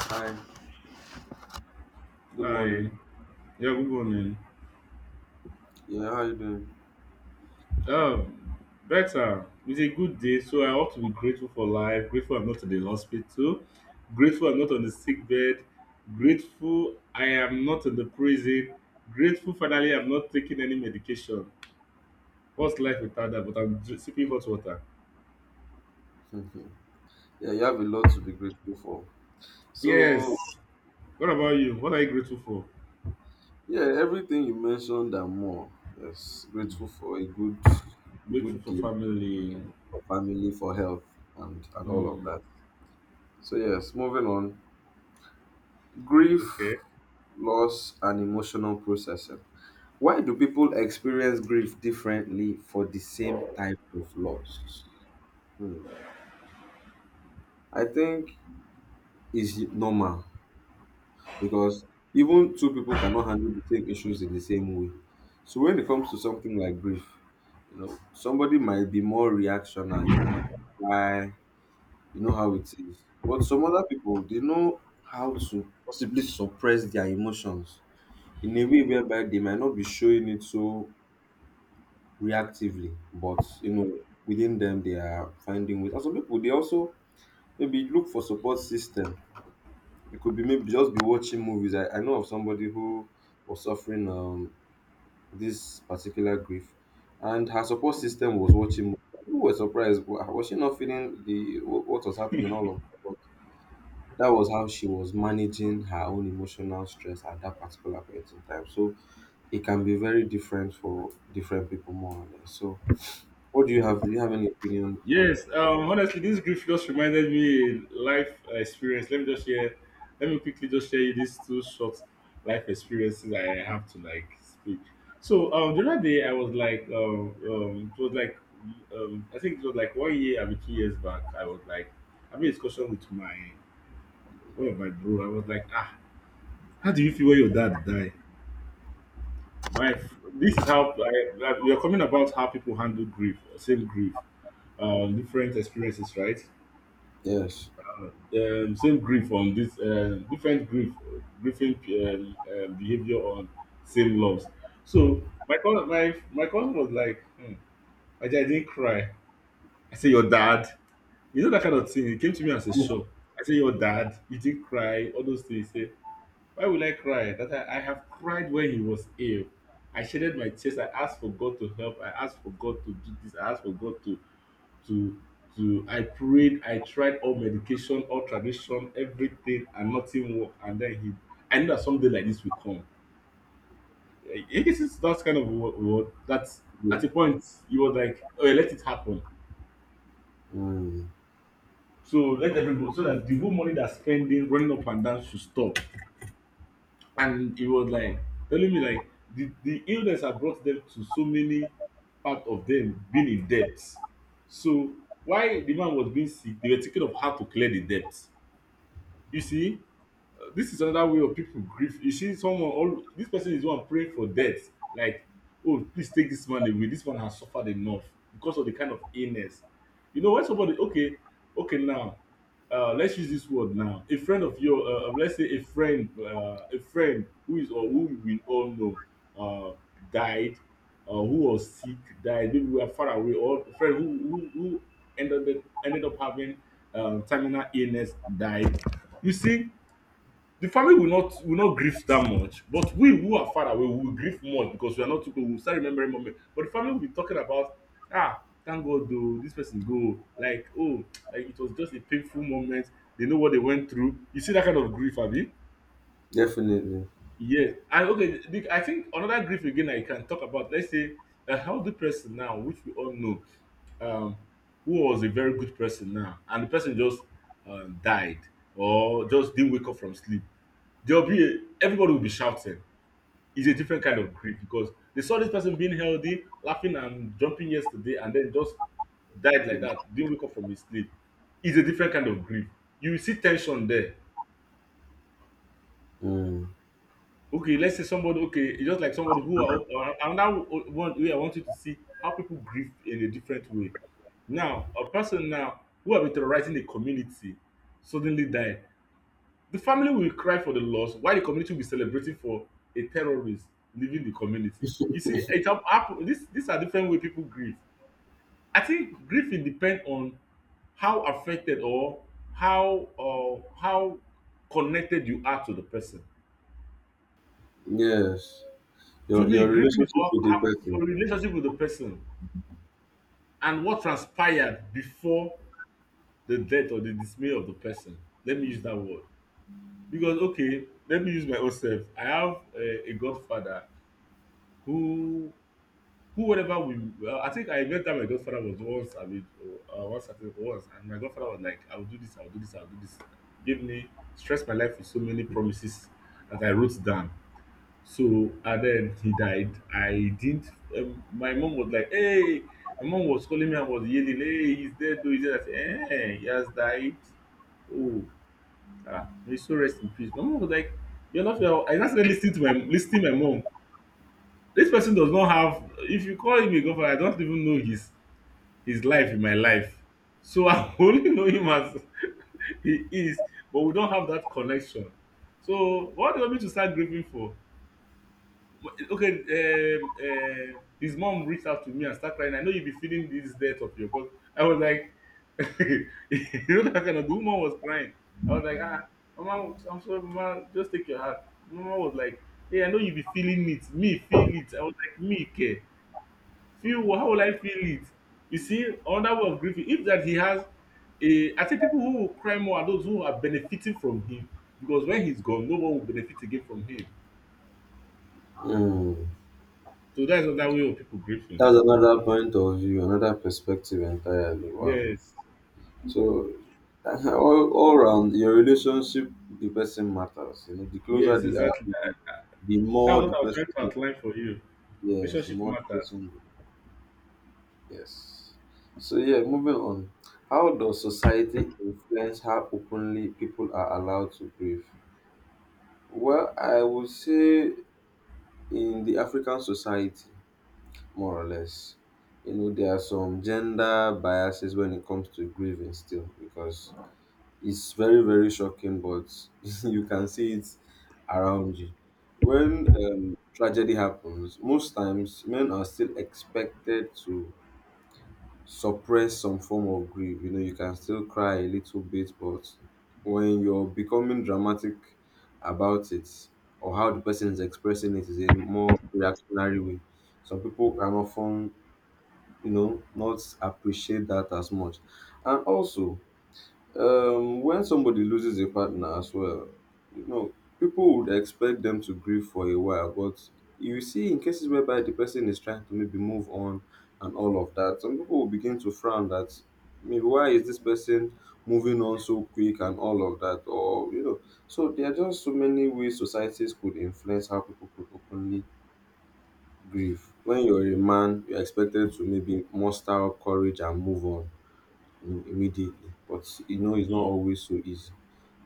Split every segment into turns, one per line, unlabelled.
Hi, good morning.
Hi. Yeah, good morning.
Yeah, how you doing?
Um, better. It's a good day, so I ought to be grateful for life, grateful I'm not in the hospital, grateful I'm not on the sick bed, grateful I am not in the prison, grateful finally I'm not taking any medication. What's life without that? But I'm sipping hot water.
Yeah, you have a lot to be grateful for. So,
Yes. What about you? What are you grateful for?
yeah, everything you mentioned and more. Yes,
Hmm.
grateful for a good,
Grateful for
day,
family.
for family, for health, and all of
Hmm.
that. So yes, moving on. Grief,
Okay.
loss, and emotional processing. Why do people experience grief differently for the same type of loss? Hmm. I think it's normal because even two people cannot handle the same issues in the same way. So when it comes to something like grief, you know, somebody might be more reactional, you know, why, you know how it is. But some other people, they know how to possibly suppress their emotions in a way whereby they might not be showing it so reactively, but you know, within them they are finding ways. And some people they also maybe look for support system. It could be maybe just be watching movies. I know of somebody who was suffering this particular grief, and her support system was watching movies. We were surprised. Was she not feeling the what was happening and all of that? But that was how she was managing her own emotional stress at that particular point in time. So it can be very different for different people, more or less. So, what do you have? Do you have any opinion on?
Yes, honestly, this grief just reminded me a life experience. Let me just share. Let me quickly just share you these two short life experiences I have to like speak. So the other day I was like, it was like, I think it was like one year, maybe 2 years back. I was like having a discussion with my one of my bro. I was like, how do you feel when your dad died? My, f- this is how you're coming about how people handle grief, same grief, different experiences, right?
Yes.
Same grief on this different grief grieving behavior on same loss. So my cousin was like, I didn't cry. I said your dad. You know that kind of thing. It came to me as a shock. I said your dad. You didn't cry. All those things. He said, why will I cry? That I have cried when he was ill. I shedded my tears. I asked for God to help. I asked for God to do this. I asked for God to to. I prayed, I tried all medication, all tradition, everything, and nothing worked. And then I knew that someday like this will come. This is that kind of word that at a point you were like, oh, yeah, let it happen.
Mm,
So let everybody, so that the whole money that's spending running up and down should stop. And he was like telling me like the illness had brought them to so many part of them being in debt. So while the man was being sick, they were thinking of how to clear the debt. You see, this is another way of people grief. You see someone, all this person is one praying for death, like, oh, please take this man away, this man has suffered enough because of the kind of illness. You know, when somebody, okay, okay now, let's use this word. Now a friend of your, let's say a friend, a friend who is or who we all know, uh, died, or who was sick died, maybe we are far away, or a friend who who ended up having terminal illness died. You see, the family will not grieve that much, but we who are far away we will grieve more because we are not too close. We will start remembering moment. But the family will be talking about, ah, thank God though this person go, like, oh, like it was just a painful moment. They know what they went through. You see that kind of grief, Abi?
definitely.
Yes. And okay, I think another grief again I can talk about. Let's say a healthy person now, which we all know, um, who was a very good person now, and the person just died or just didn't wake up from sleep. There'll be everybody will be shouting. It's a different kind of grief because they saw this person being healthy, laughing and jumping yesterday, and then just died like that. Didn't wake up from his sleep. It's a different kind of grief. You will see tension there.
Mm,
Okay, let's say somebody. Okay, it's just like somebody who are, another one way I want you to see how people grieve in a different way. Now, a person now who have been terrorizing the community suddenly died. The family will cry for the loss while the community will be celebrating for a terrorist leaving the community. You see, it happen. This these are different way people grieve. I think grief it depend on how affected, or how, or how connected you are to the person.
yes.
To
your
me,
your
grieving is
relationship
all
with the
your
person.
relationship with the person and what transpired before the death or the dismay of the person. Let me use that word because, okay, let me use my own self. I have a godfather who Who whenever we, well, I think I remember that my godfather was once, I mean, once, I think, once, and my godfather was like, I'll do this, I'll do this, I'll do this. Give me stress my life with so many promises that I wrote down. So and then he died. I didn't. My mom was like, hey, my mom was calling me and was yelling, hey, he's dead, though he's dead. I said, hey, he has died. Oh, may so rest in peace. My mom was like, you're not your. I just started listening to my mom. This person does not have, if you call him a godfather, I don't even know his life in my life. So I only know him as he is, but we don't have that connection. So what do you want me to start grieving for? Okay, his mom reached out to me and start crying. I know you be feeling this death of your God. I was like, you know that kind of, the woman was crying. I was like, mama, I'm sorry, mama, just take your heart. Mama was like, hey, I know you be feeling it. Me feel it. I was like, me care. Feel, how will I feel it? You see, another way of grieving, if that he has a. I think people who will cry more are those who are benefiting from him, because when he's gone, no one will benefit again from him.
Hmm.
So that's another way of people grieving.
That's another point of view, another perspective entirely. Wow.
Yes,
So all round your relationship with the person matters. You know, the closer
yes,
they are,
exactly.
the
That,
the
that's
more
what
the
I was trying
person,
to outline for you.
yes, the
Relationship
more the
matters.
person, yes. So yeah, moving on. How does society influence how openly people are allowed to grieve? Well, I would say in the African society, more or less. You know, there are some gender biases when it comes to grieving still, because it's very, very shocking, but you can see it around you. When tragedy happens, most times men are still expected to suppress some form of grief. You know, you can still cry a little bit, but when you're becoming dramatic about it, or how the person is expressing it is a more reactionary way, some people can often, you know, not appreciate that as much. And also, when somebody loses a partner as well, you know, people would expect them to grieve for a while, but you see in cases whereby the person is trying to maybe move on and all of that, some people will begin to frown that, maybe why is this person moving on so quick and all of that, or you know. So there are just so many ways societies could influence how people could openly grief. When you're a man, you're expected to maybe muster up courage and move on, you know, immediately. But you know, it's not always so easy,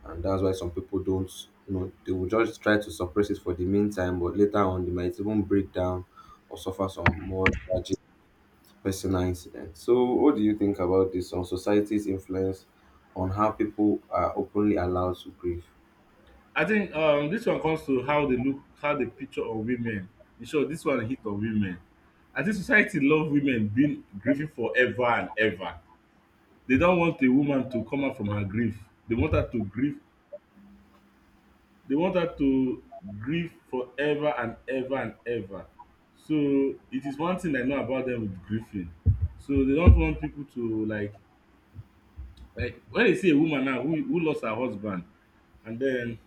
and that's why some people don't. You know, they will just try to suppress it for the meantime, but later on, they might even break down or suffer some more tragic personal incidents. So, what do you think about this on society's influence on how people are openly allowed to grieve?
I think this one comes to how they look, how they picture on women. In short, this one hit on women. I think society love women being grieving forever and ever. They don want a woman to come out from her grief. They want her to grieve. They want her to grieve forever and ever and ever. So it is one thing I know about dem with grieving. So they don't want people to like when you see a woman now who lost her husband and den,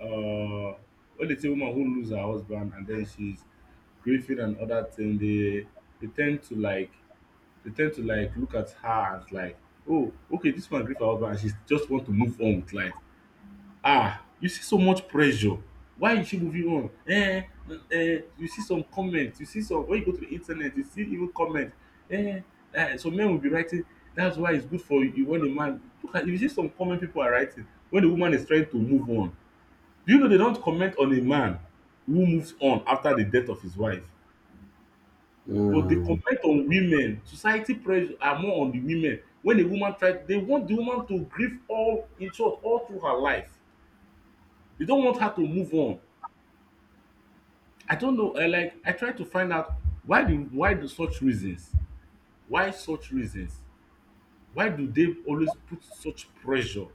um when you see a woman who lose her husband and den she's grieving and other thing, they tend to like look at her as like, oh, okay, this one great for husband, and she just want to move on with life. Ah, you see so much pressure. Why is she moving on? You see some comments, you see some. When you go to the internet, you see even comments. Eh, some men will be writing, that's why it's good for you when a man look at you, see some comment people are writing when the woman is trying to move on. Do you know they don't comment on a man who moves on after the death of his wife? But the
Hmm.
complaint on women, society pressure are more on the women. When a woman try, they want the woman to grieve all, in short, all through her life. They don't want her to move on. I don't know, like I try to find out why the why do such reasons, why such reasons? Why do they always put such pressure?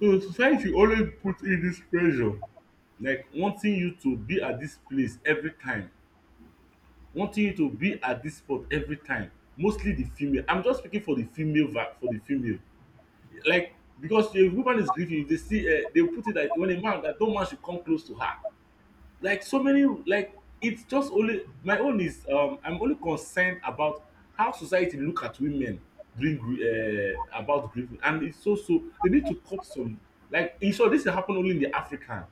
So society always put in this pressure, like wanting you to be at this place every time, wanting you to be at this spot every time. Mostly the female. I'm just speaking for the female va for the female. Like, because a woman is grieving, if they see, they put it like, when a man, that no man should come close to her, like, so many, like, it's just only my own is, I'm only concerned about how society look at women during about grieving, and it's so they need to cut some, like, in short, this dey happen only in the African,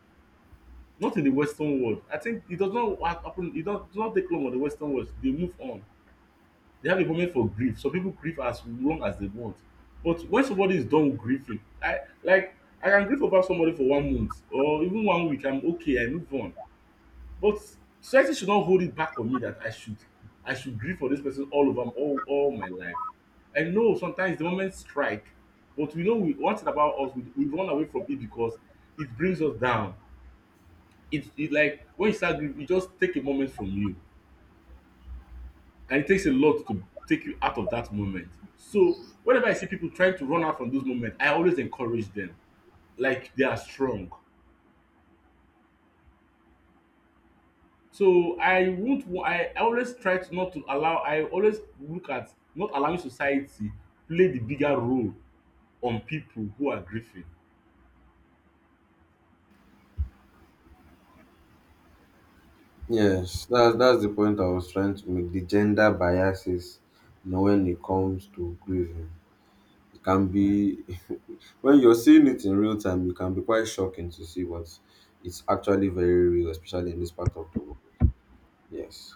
not in the Western world. I think it does not happen. It does not take long for the Western world. They move on. They have a moment for grief. Some people grieve as long as they want. But when somebody is done grieving, I can grieve over somebody for one month or even one week. I'm okay, I move on. But society should not hold it back on me that I should grieve for this person all over all my life. I know sometimes the moment strike, but we know we one thing about us, we run away from it because it brings us down. It like when you start grieving, it just take a moment from you and it takes a lot to take you out of that moment. So whenever I see people trying to run out from those moments, I always encourage them, like they are strong. So I won't. Wa- I always try to not to allow. I always look at not allowing society play the bigger role on people who are grieving.
Yes, that's the point I was trying to make. The gender biases, you know, when it comes to grieving, it can be, when you're seeing it in real time, it can be quite shocking to see, but it's actually very real, especially in this part of the world. Yes.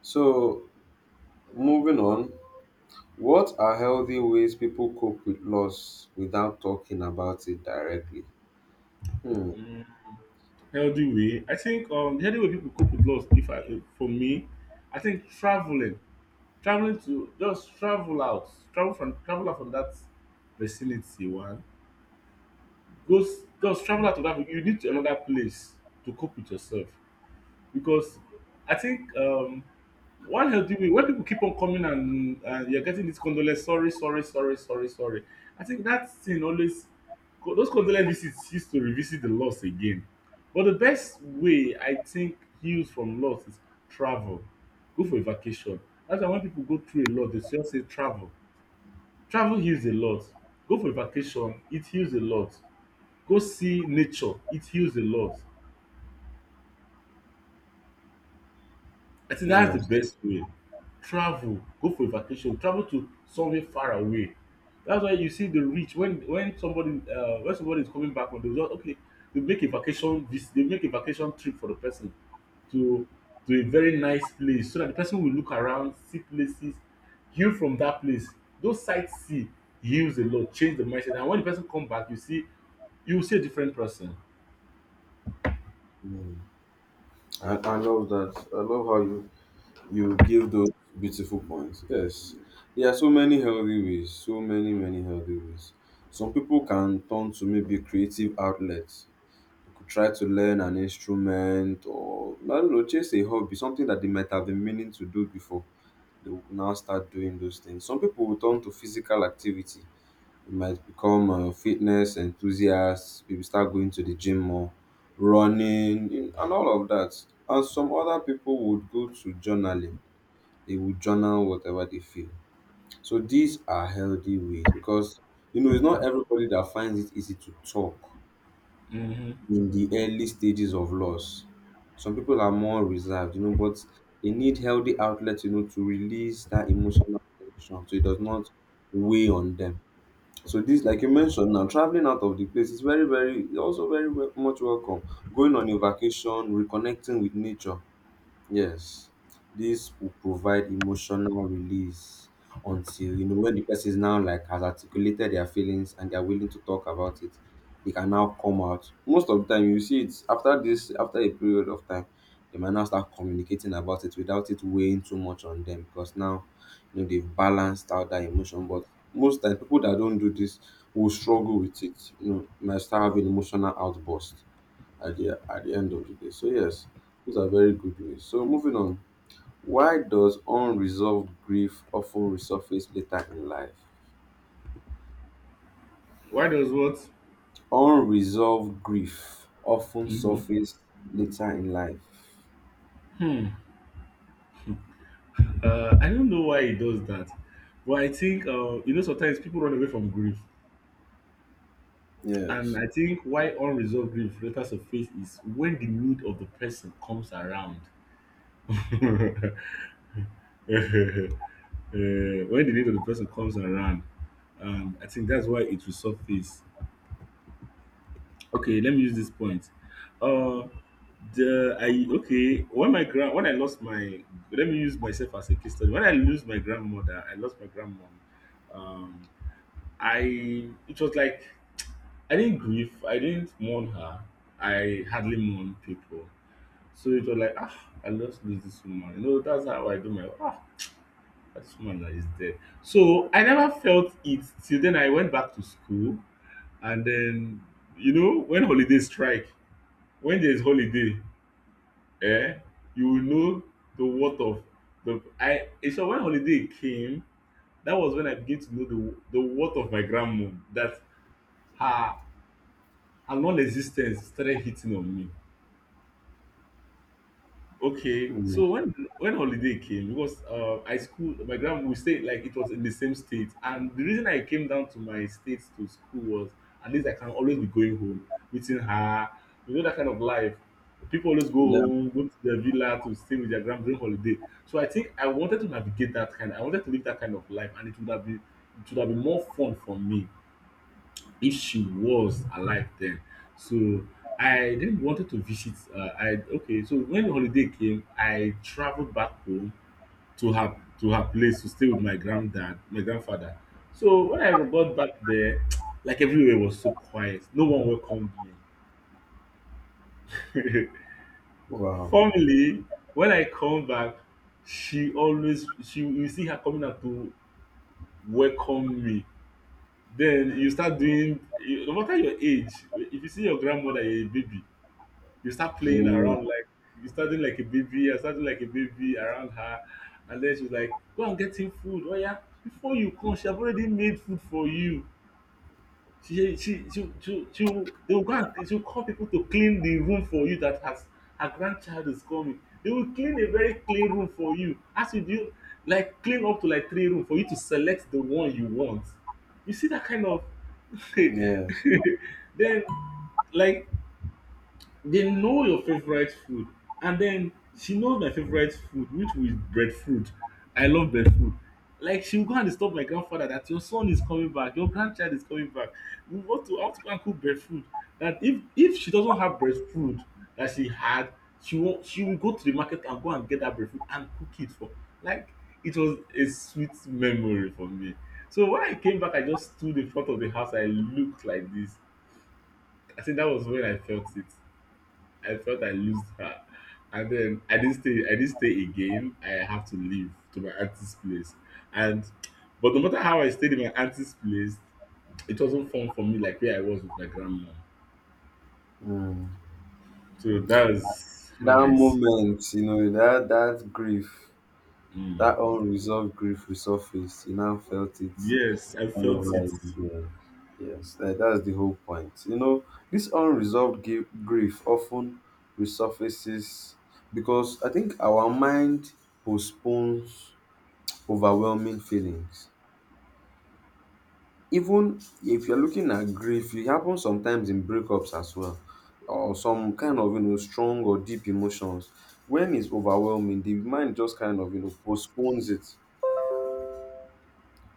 So moving on, what are healthy ways people cope with loss without talking about it directly? Hmm.
Mm, healthy way, I think the healthy way people cope with loss. If For me, I think traveling, traveling to just travel out, travel out from that vicinity one. Goes just travel out of Africa, you need to another place to cope with yourself because I think one healthy way when people keep on coming and you're getting this condolence, sorry, sorry, sorry, sorry, sorry. I think that thing always those condolence visits used to revisit the loss again. But the best way I think heals from loss is travel. Go for a vacation. That's why when people go through a lot, they just say travel. Travel heals a lot. Go for a vacation, it heals a lot. Go see nature, it heals a lot. I think that's the
Yes.
best way. Travel, go for a vacation, travel to somewhere far away. That's why you see the rich when somebody when somebody is coming back from the result, okay, they make a they make a vacation trip for the person to to a very nice place so that the person will look around, see places, heal from that place. Those sites see heals a lot, change the mindset. And when the person come back, you see you will see a different person.
Hmm. I love that. I love how you give those beautiful points. Yes, there are so many healthy ways, so many, many healthy ways. Some people can turn to maybe creative outlets. They could try to learn an instrument, or, I don't know, chase a hobby, something that they might have been meaning to do before. They will now start doing those things. Some people will turn to physical activity. They might become fitness enthusiasts, maybe start going to the gym more, running, and all of that. And some other people would go to journaling. They will journal whatever they feel. So these are healthy ways, because you know, it's not everybody that finds it easy to talk
Hmm.
in the early stages of loss. Some people are more reserved, you know, but they need healthy outlets, you know, to release that emotional tension so it does not weigh on them. So this, like you mentioned now, traveling out of the place is very, very, also very much welcome. Going on a vacation, reconnecting with nature. Yes, this will provide emotional release, until you know, when the person is now like has articulated their feelings and they are willing to talk about it, they can now come out. Most of the time, you see it after this, after a period of time, they might now start communicating about it without it weighing too much on them, because now you know they've balanced out that emotion. But most times, people that don't do this will struggle with it. You know, might start having emotional outburst at the end of the day. So yes, those are very good ways. So moving on, why does unresolved grief often resurface later in life?
Why does what?
Unresolved grief often surface later in life.
I don't know why he does that, but I think you know sometimes people run away from grief, and
Yes.
I think why unresolved grief letters of faith is when the need of the person comes around. When the need of the person comes around, I think that's why it will surface. Okay, let me use this point. Uh, the I okay when my grand when I lost my, let me use myself as a case study. When I lose my grandmother, I lost my grandmom. um, I it was like I didn't grieve, I didn't mourn her. I hardly mourn people. So it was like ah, I just lose this woman. You know, that's how I do my ah, this woman that is dead. So I never felt it till then I went back to school and then you know when holidays strike, when there is holiday, eh, you will know the worth of so when holiday came, that was when I began to know the worth of my grandmom that her and non-existence started hitting on me. Okay,
Mm.
so when holiday came, because I school my grand, we stayed like it was in the same state, and the reason I came down to my state to school was at least I can always be going home, meeting her, you know that kind of life. People always go
Yeah.
home, go to their villa to stay with their grand during holiday. So I think I wanted to navigate that kind. I wanted to live that kind of life, and it would have been it would have been more fun for me if she was alive then. So I then wanted to visit. I okay. So when holiday came, I traveled back home to her, to her place to stay with my granddad, my grandfather. So when I got back there, like everywhere was so quiet. No one welcomed me.
Wow.
Formally, when I come back, she always she you see her coming out to welcome me. Then you start doing no matter your age, if you see your grandmother, you're a baby, you start playing
Mm.
around like you starting like a baby, I starting like a baby around her, and then she's like, "Go and get him food, oh yeah." Before you come, she have already made food for you. They will go and she will call people to clean the room for you that has her grandchild is coming. They will clean a very clean room for you. As you do, like clean up to like three room for you to select the one you want. You see that kind of.
Yes.
Then like they know your favorite food and then she knows my favorite food which was breadfruit. I love breadfruit. Like she will go and disturb my grandfather that your son is coming back, your grandchild is coming back, we want to I to go and cook breadfruit, that if she doesn't have breadfruit that she had, she will go to the market and go and get that breadfruit and cook it for. Like it was a sweet memory for me. So when I came back, I just stood in front of the house, I looked like this. I think that was when I felt it. I felt I lost her. And then I didn't stay. I didn't stay again. I have to leave to my auntie's place. And but no matter how I stayed in my auntie's place, it wasn't fun for me like where I was with my grandma.
Mm.
So that's how
That
I. s-
moment, you know, that grief,
Mm.
that unresolved grief resurfaced. You now felt it,
Yes, I
all
felt
over
it.
again. Yes, that's the whole point. You know, this unresolved grief often resurfaces because I think our mind postpones overwhelming feelings. Even if you're looking at grief, it happens sometimes in breakups as well, or some kind of, you know, strong or deep emotions. When it's overwhelming, the mind just kind of, you know, postpones it.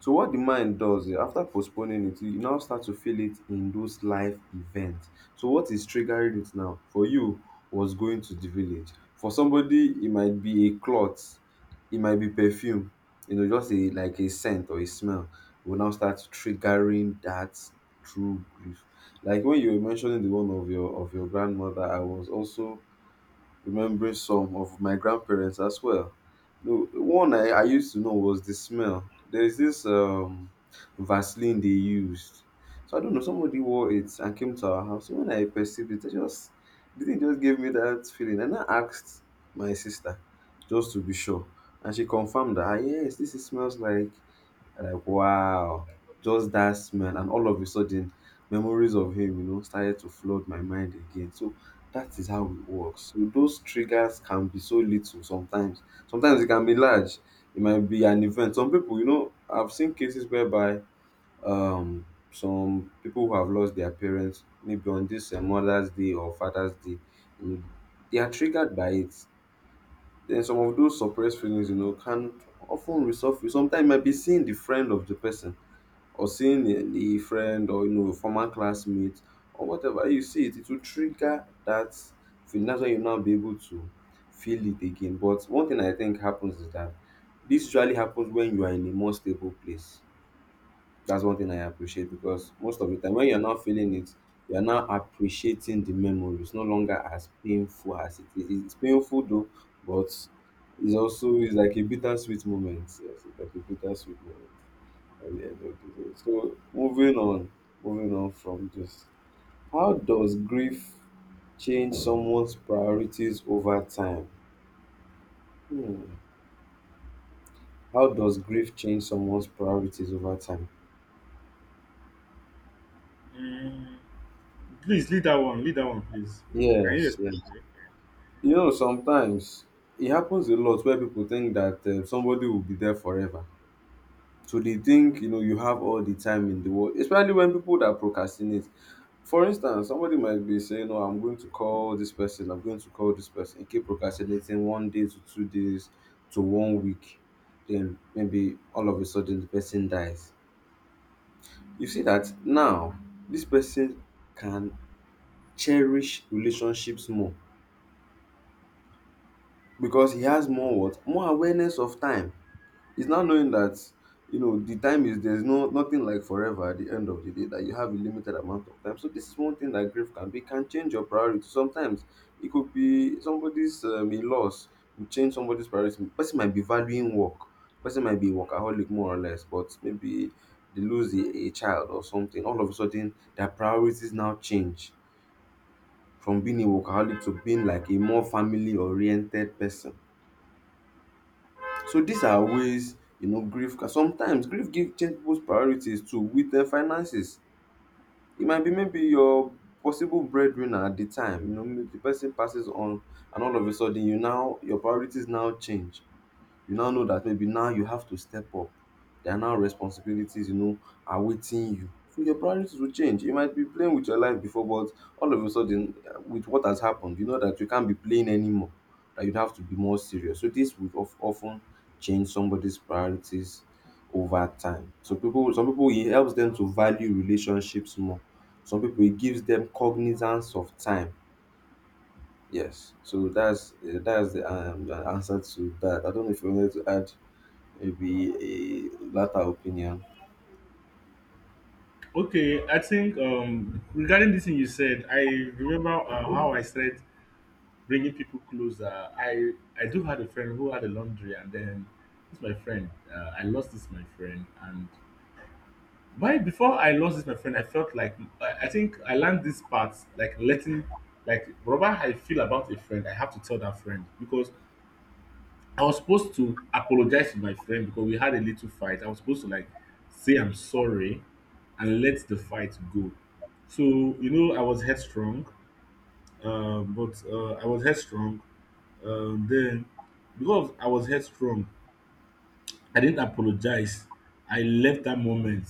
So what the mind does, after postponing it, you now start to feel it in those life events. So what is triggering it now? For you was going to the village. For somebody, it might be a cloth, it might be perfume, you know, just a, like a scent or a smell will now start triggering that true grief. Like when you were mentioning the one of your grandmother, I was also remembering some of my grandparents as well. No, one I used to know was the smell. There's this Vaseline they used. So I don't know, somebody wore it and came to our house. When I perceived it, I just, the thing just gave me that feeling. And I asked my sister just to be sure. And she confirmed that, "Ah, yes, this is, smells like," and like, wow, just that smell, and all of a sudden memories of him, you know, started to flood my mind again. So that is how it works. So those triggers can be so little sometimes. Sometimes it can be large. It might be an event. Some people, you know, I've seen cases whereby some people who have lost their parents maybe on this Mother's Day or Father's Day, you know, they are triggered by it. Then some of those suppressed feelings, you know, can often resurface. Sometimes it might be seeing the friend of the person, or seeing the, a friend, or you know, former classmate or whatever you see, it will trigger that feeling. That's why you now be able to feel it again. But one thing I think happens is that this usually happens when you are in a more stable place. That's one thing I appreciate, because most of the time when you're not feeling it, you're now appreciating the memory. It's no longer as painful as it is. It's painful though, but it's also, it's like a bittersweet moment. Yes, it's like a bittersweet moment at the end of the. So moving on, from this. How does grief change someone's priorities over time? Hmm. How does grief change someone's priorities over time?
Mm. Please lead that one. Lead that one, please. Can you
Yes,
explain?
yes.
It?
You know, sometimes it happens a lot where people think that somebody will be there forever. To dey think, you know, you have all the time in the world, especially when people that procrastinate. For instance, somebody might be saying, oh, I'm going to call this person, I'm going to call this person, e keep procrastinating one day to 2 days to one week, then maybe all of a sudden the person dies. You see that now this person can cherish relationships more, because he has more what? More awareness of time. It's now knowing that, you know, the time is, there's no nothing like forever at the end of the day, that you have a limited amount of time. So this is one thing that grief can be, can change your priority. Sometimes it could be somebody's a loss will change somebody's priority. Person might be valuing work. Person might be workaholic more or less, but maybe they lose a child or something. All of a sudden, their priorities now change from being a workaholic to being like a more family oriented person. So these are ways you know grief can sometimes grief give change people's priorities too with finances. E might be maybe your possible breadwinner at the time, you know, maybe the person passes on and all of a sudden your priorities now change. You now know that maybe now you have to step up. There are now responsibilities, you know, awaiting you. So your priorities will change. You might be playing with your life before, but all of a sudden, with what has happened, you know that you can't be playing anymore. That you'd have to be more serious. So this would often change somebody's priorities over time. So some people, it helps them to value relationships more. Some people, it gives them cognizance of time. Yes. So that's the answer to that. I don't know if you wanted to add maybe a latter opinion.
Okay, I think regarding this thing you said, I remember how I said bringing people closer. I I do had a friend who had a laundry, and then this my friend. I lost this my friend, and why before I lost this my friend, I felt like I think I learned this part like letting, like whatever I feel about a friend, I have to tell that friend because I was supposed to apologize to my friend because we had a little fight. I was supposed to like say I'm sorry and let the fight go. So you know I was headstrong, but I was headstrong. Um, then, because I was headstrong, I didn't apologize. I left that moment.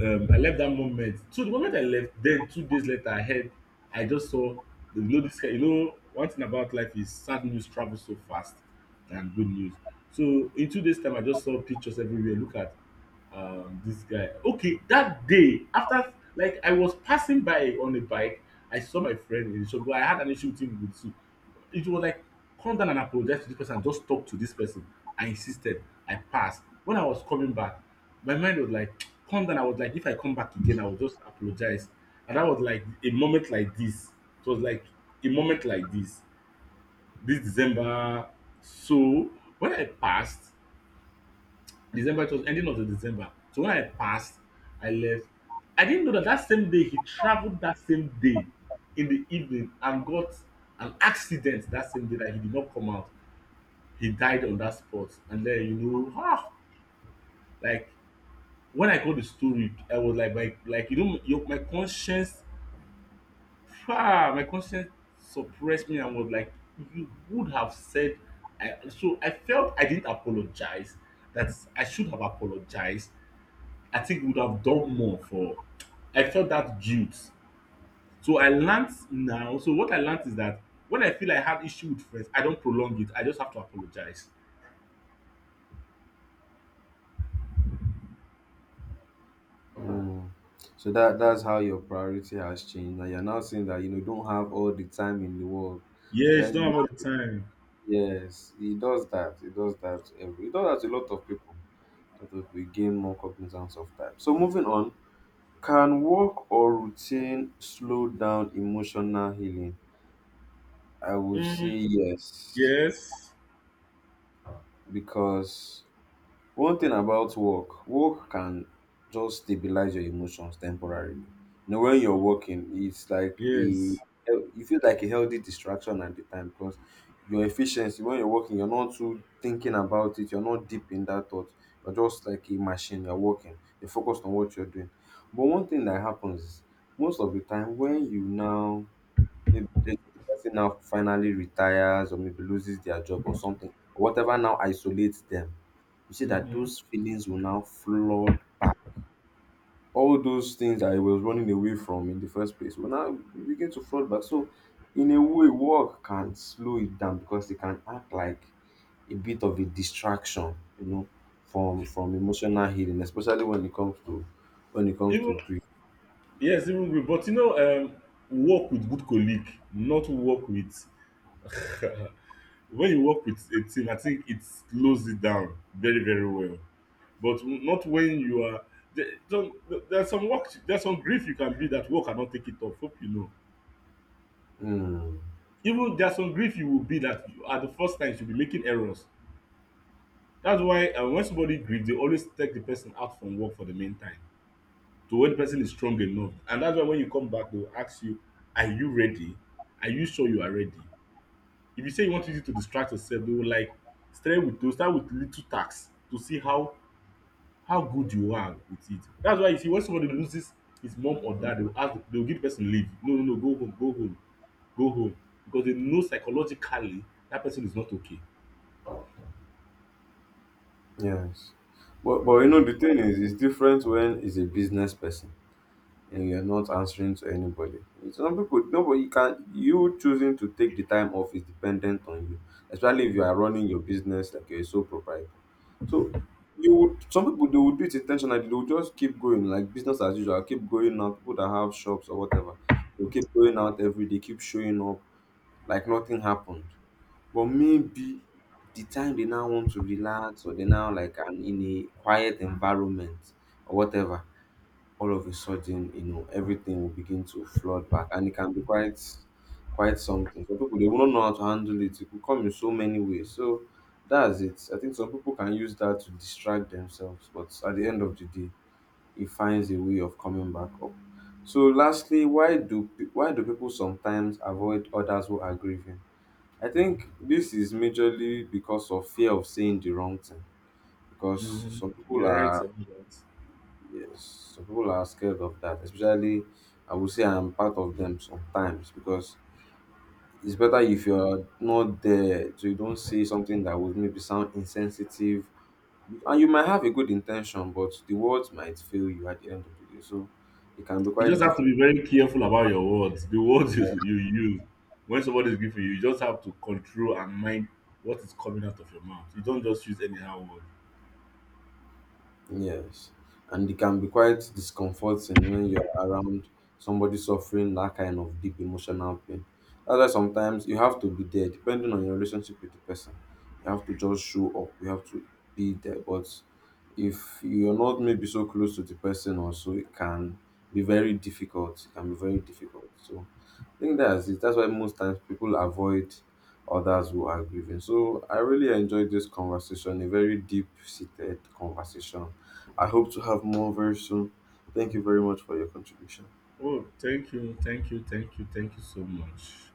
I left that moment. So the moment I left, then 2 days later, I heard, I just saw, you know, you know, one thing about life is sad news travels so fast than good news. So in 2 days' time, I just saw pictures everywhere. Look at this guy. Okay, that day after, like I was passing by on a bike, I saw my friend in the shop. But I had an issue with him with soup. It was like come down and apologize to this person, just talk to this person. I insisted. I passed. When I was coming back, my mind was like, come down. I was like, if I come back again, I will just apologize. And that was like a moment like this. It was like a moment like this. This December. So when I passed, December, it was ending of the December. So when I passed, I left. I didn't know that that same day he traveled that same day in the evening and got an accident that same day that he did not come out, he died on that spot. And then you know, ah, like when I got the story, I was like you know, my conscience, ah, my conscience suppressed me and was like, you would have said, so I felt I didn't apologize. That I should have apologized. I think we would have done more for. I felt that guilt. So I learned now. So what I learned is that when I feel I have issue with friends, I don't prolong it. I just have to apologize.
Mm. So that's how your priority has changed. Now you're now saying that you know you don't have all the time in the world.
Yes, you
When
don't
you
have all the
Yes, it does that. It does that. It does that to a lot of people. A lot of people gain more cognizance of time. So moving on, can work or routine slow down emotional healing? I would
time.
say yes,
Yes,
because one thing about work, work can just stabilize your emotions temporarily. You know, when you're working, it's like a
yes.
you feel like a healthy distraction at the time, because your efficiency when you're working, you're not too thinking about it, you're not deep in that thought. You're just like a machine, you're working, you're focused on what you're doing. But one thing that happens is most of the time when you now maybe the person now finally retires or maybe loses their job or something, or whatever now isolates them. You see that
Mhm.
those feelings will now flood back. All those things I was running away from in the first place will now begin to flood back. So, in a way, work can slow it down because it can act like a bit of a distraction, you know, from emotional healing, especially when it comes to
Even
grief.
yes, even group. But you know, work with good colleague, not work with. When you work with a team, I think it slows it down very, very well. But not when you are. There, there's some work. There's some grief you can be that work cannot take it off. Hope you know.
Hmm.
Even there's some grief you will be that you, at the first time you will be making errors. That's why when somebody grieves, they always take the person out from work for the meantime. To when the person is strong enough. And that's why when you come back, they will ask you, are you ready? Are you sure you are ready? If you say you want to use it to distract yourself, they will like start with little tasks to see how good you are with it. That's why you see when somebody loses his mom or dad, they will ask, they will give the person leave. No, no, no, go home, go home, go home. Because they know psychologically that person is not okay.
Yes. But you know the thing is it's different when it's a business person and you're not answering to anybody. Some people nobody you can you choosing to take the time off is dependent on you, especially if you are running your business like you're a sole proprietor. So you would some people, they would do it intentionally, they would just keep going, like business as usual, keep going out, people that have shops or whatever. They'll keep going out every day, keep showing up like nothing happened. But maybe the time they now want to relax or they now like an in a quiet environment or whatever, all of a sudden, you know, everything will begin to flood back and it can be quite something. Some people they won't know how to handle it. It could come in so many ways. So that's it. I think some people can use that to distract themselves, but at the end of the day, it finds a way of coming back up. So lastly, why do people sometimes avoid others who are grieving? I think this is majorly because of fear of saying the wrong thing. Because
Mhm.
some people
You're right
are
about that.
yes, some people are scared of that. Especially, I would say I'm part of them sometimes. Because it's better if you're not there, so you don't say something that would maybe sound insensitive, and you might have a good intention, but the words might fail you at the end of the day. So it can be
You
quite
just have to
difficult.
be very careful about your words. The words you use when somebody is giving you, you just have to control and mind what is coming out of your mouth. You don't just use anyhow word.
Yes, and it can be quite discomforting when you're around somebody suffering that kind of deep emotional pain. That's why sometimes you have to be there, depending on your relationship with the person. You have to just show up, you have to be there. But if you're not maybe so close to the person, also, it can be very difficult. It can be very difficult. So, I think that's it. That's why most times people avoid others who are grieving. So I really enjoyed this conversation, a very deep seated conversation. I hope to have more very soon. Thank you very much for your contribution.
Oh, thank you, thank you, thank you, thank you so much.